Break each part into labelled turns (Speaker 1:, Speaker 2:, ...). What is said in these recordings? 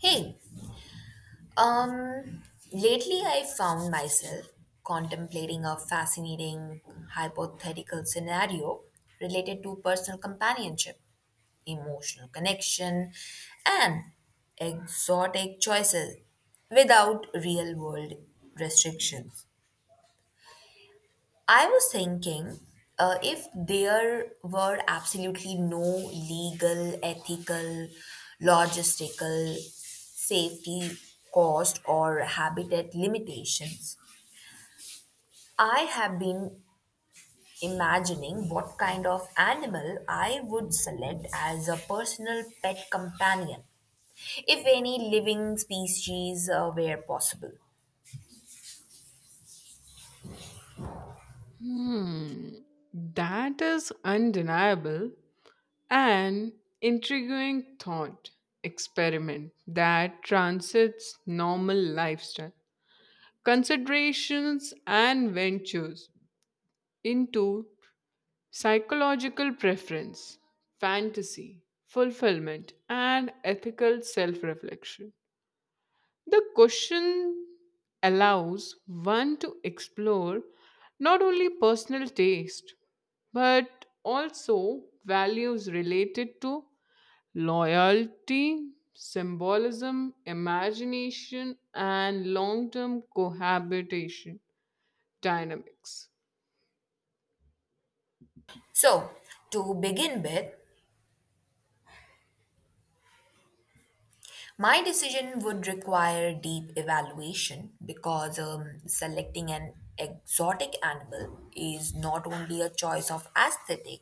Speaker 1: Hey, um, lately I found myself contemplating a fascinating hypothetical scenario related to personal companionship, emotional connection, and exotic choices without real world restrictions. I was thinking if there were absolutely no legal, ethical, logistical, safety, cost, or habitat limitations, I have been imagining what kind of animal I would select as a personal pet companion, if any living species were possible.
Speaker 2: Hmm, that is undeniable an intriguing thought experiment that transits normal lifestyle considerations and ventures into psychological preference, fantasy, fulfillment, and ethical self reflection. The question allows one to explore not only personal taste but also values related to loyalty, symbolism, imagination, and long term cohabitation dynamics.
Speaker 1: So, to begin with, my decision would require deep evaluation because selecting an exotic animal is not only a choice of aesthetic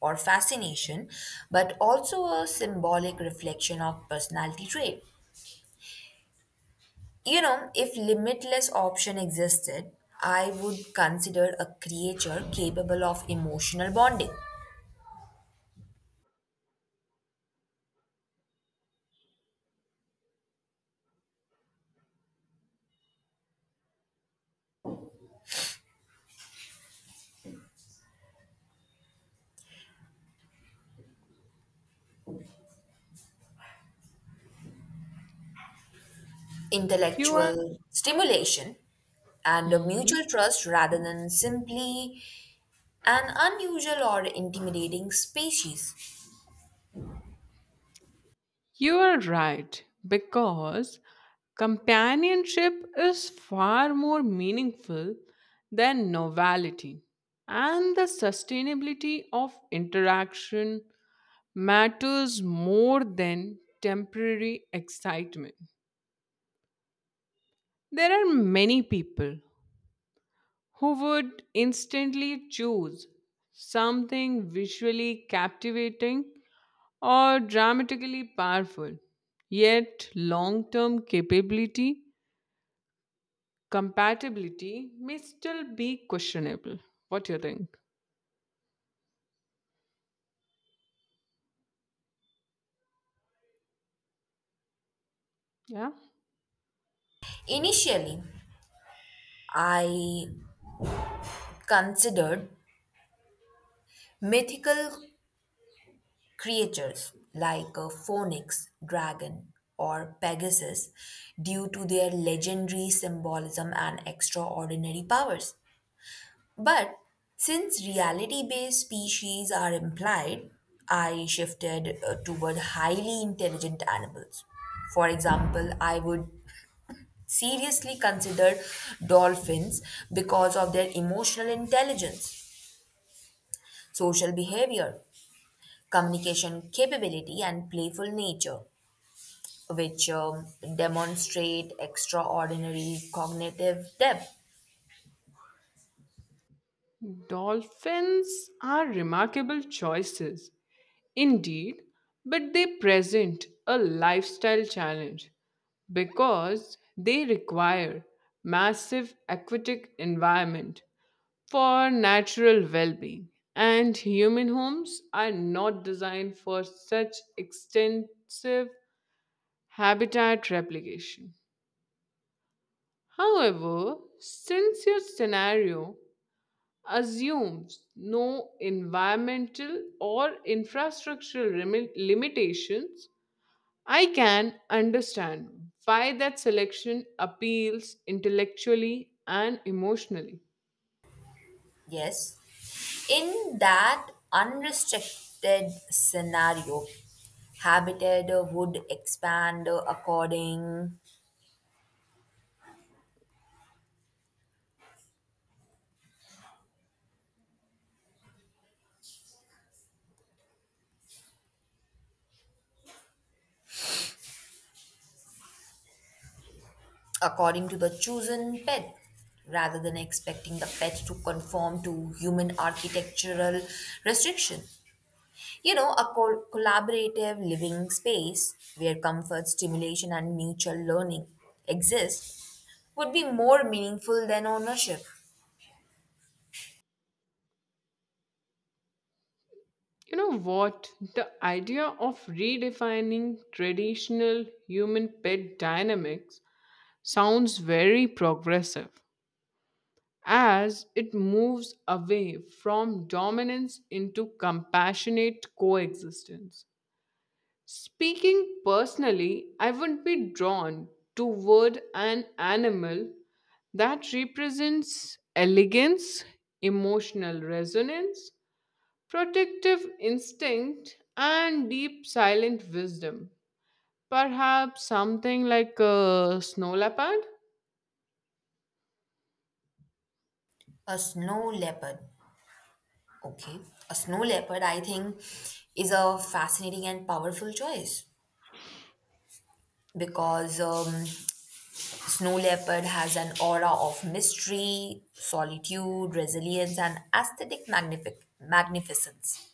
Speaker 1: or fascination, but also a symbolic reflection of personality trait. You know, if limitless option existed, I would consider a creature capable of emotional bonding
Speaker 2: You are.
Speaker 1: intellectual stimulation and a
Speaker 2: Mhm.
Speaker 1: mutual trust rather than simply an unusual or intimidating species.
Speaker 2: You are right, because companionship is far more meaningful than novelty, and the sustainability of interaction matters more than temporary excitement. There are many people who would instantly choose something visually captivating or dramatically powerful, yet long term capability compatibility may still be questionable. What do you think? Yeah.
Speaker 1: Initially, I considered mythical creatures like a phoenix, dragon, or Pegasus due to their legendary symbolism and extraordinary powers. But since reality based species are implied, I shifted toward highly intelligent animals. For example, I would seriously consider dolphins because of their emotional intelligence, social behavior, communication capability, and playful nature, which demonstrate extraordinary cognitive depth.
Speaker 2: Dolphins are remarkable choices, indeed, but they present a lifestyle challenge because they require massive aquatic environment for natural well-being, and human homes are not designed for such extensive habitat replication. However, since your scenario assumes no environmental or infrastructural limitations, I can understand why that selection appeals intellectually and emotionally.
Speaker 1: Yes. In that unrestricted scenario, habitat would expand according to the chosen pet rather than expecting the pet to conform to human architectural restriction. You know, a collaborative living space where comfort, stimulation and mutual learning exist would be more meaningful than ownership.
Speaker 2: You know what? The idea of redefining traditional human pet dynamics sounds very progressive, as it moves away from dominance into compassionate coexistence. Speaking personally, I would be drawn toward an animal that represents elegance, emotional resonance, protective instinct, and deep silent wisdom. Perhaps something like a snow leopard?
Speaker 1: A snow leopard. Okay, a snow leopard, I think, is a fascinating and powerful choice because snow leopard has an aura of mystery, solitude, resilience, and aesthetic magnificence.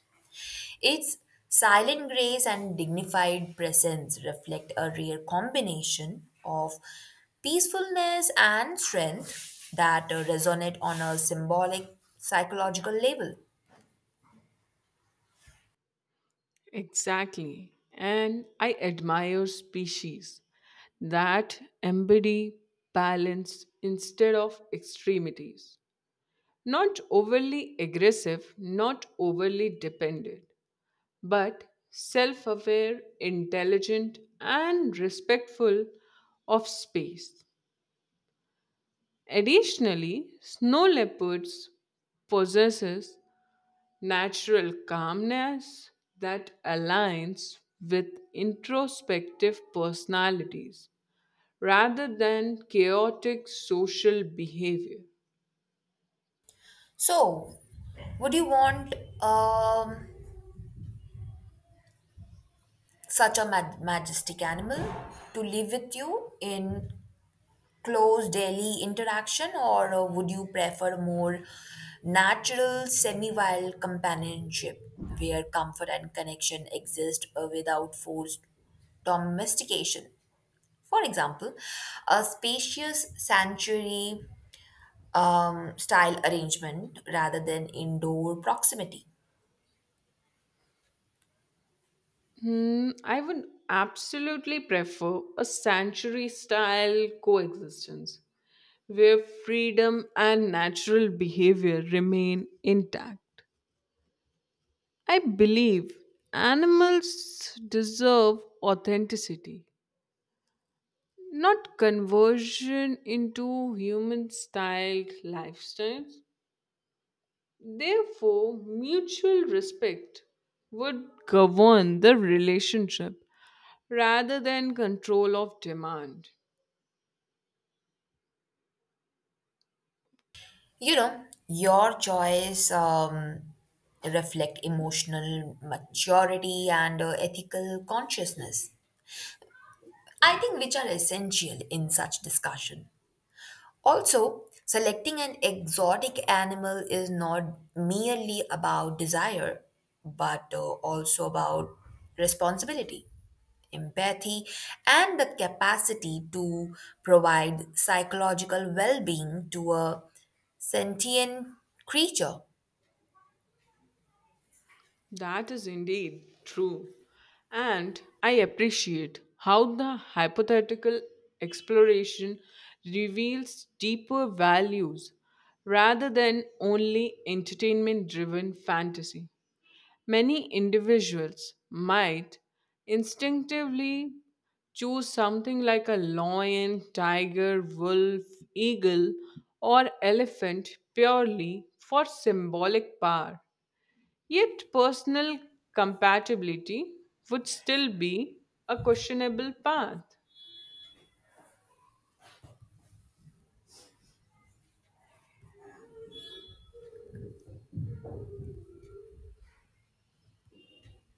Speaker 1: Its silent grace and dignified presence reflect a rare combination of peacefulness and strength that resonate on a symbolic psychological level.
Speaker 2: Exactly. And I admire species that embody balance instead of extremities. Not overly aggressive, not overly dependent, but self aware, intelligent, and respectful of space. Additionally, snow leopards possesses natural calmness that aligns with introspective personalities rather than chaotic social behavior.
Speaker 1: So, would you want um, such a majestic animal to live with you in close daily interaction, or would you prefer more natural, semi wild companionship where comfort and connection exist without forced domestication? For example, a spacious sanctuary style arrangement rather than indoor proximity.
Speaker 2: Hmm, I would absolutely prefer a sanctuary style coexistence where freedom and natural behavior remain intact. I believe animals deserve authenticity, not conversion into human styled lifestyles. Therefore, mutual respect would govern the relationship rather than control of demand.
Speaker 1: You know, your choice reflect emotional maturity and ethical consciousness. I think which are essential in such discussion. Also, selecting an exotic animal is not merely about desire, but also about responsibility, empathy, and the capacity to provide psychological well being to a sentient creature.
Speaker 2: That is indeed true. And I appreciate how the hypothetical exploration reveals deeper values rather than only entertainment driven fantasy. Many individuals might instinctively choose something like a lion, tiger, wolf, eagle, or elephant purely for symbolic power. Yet, personal compatibility would still be a questionable path.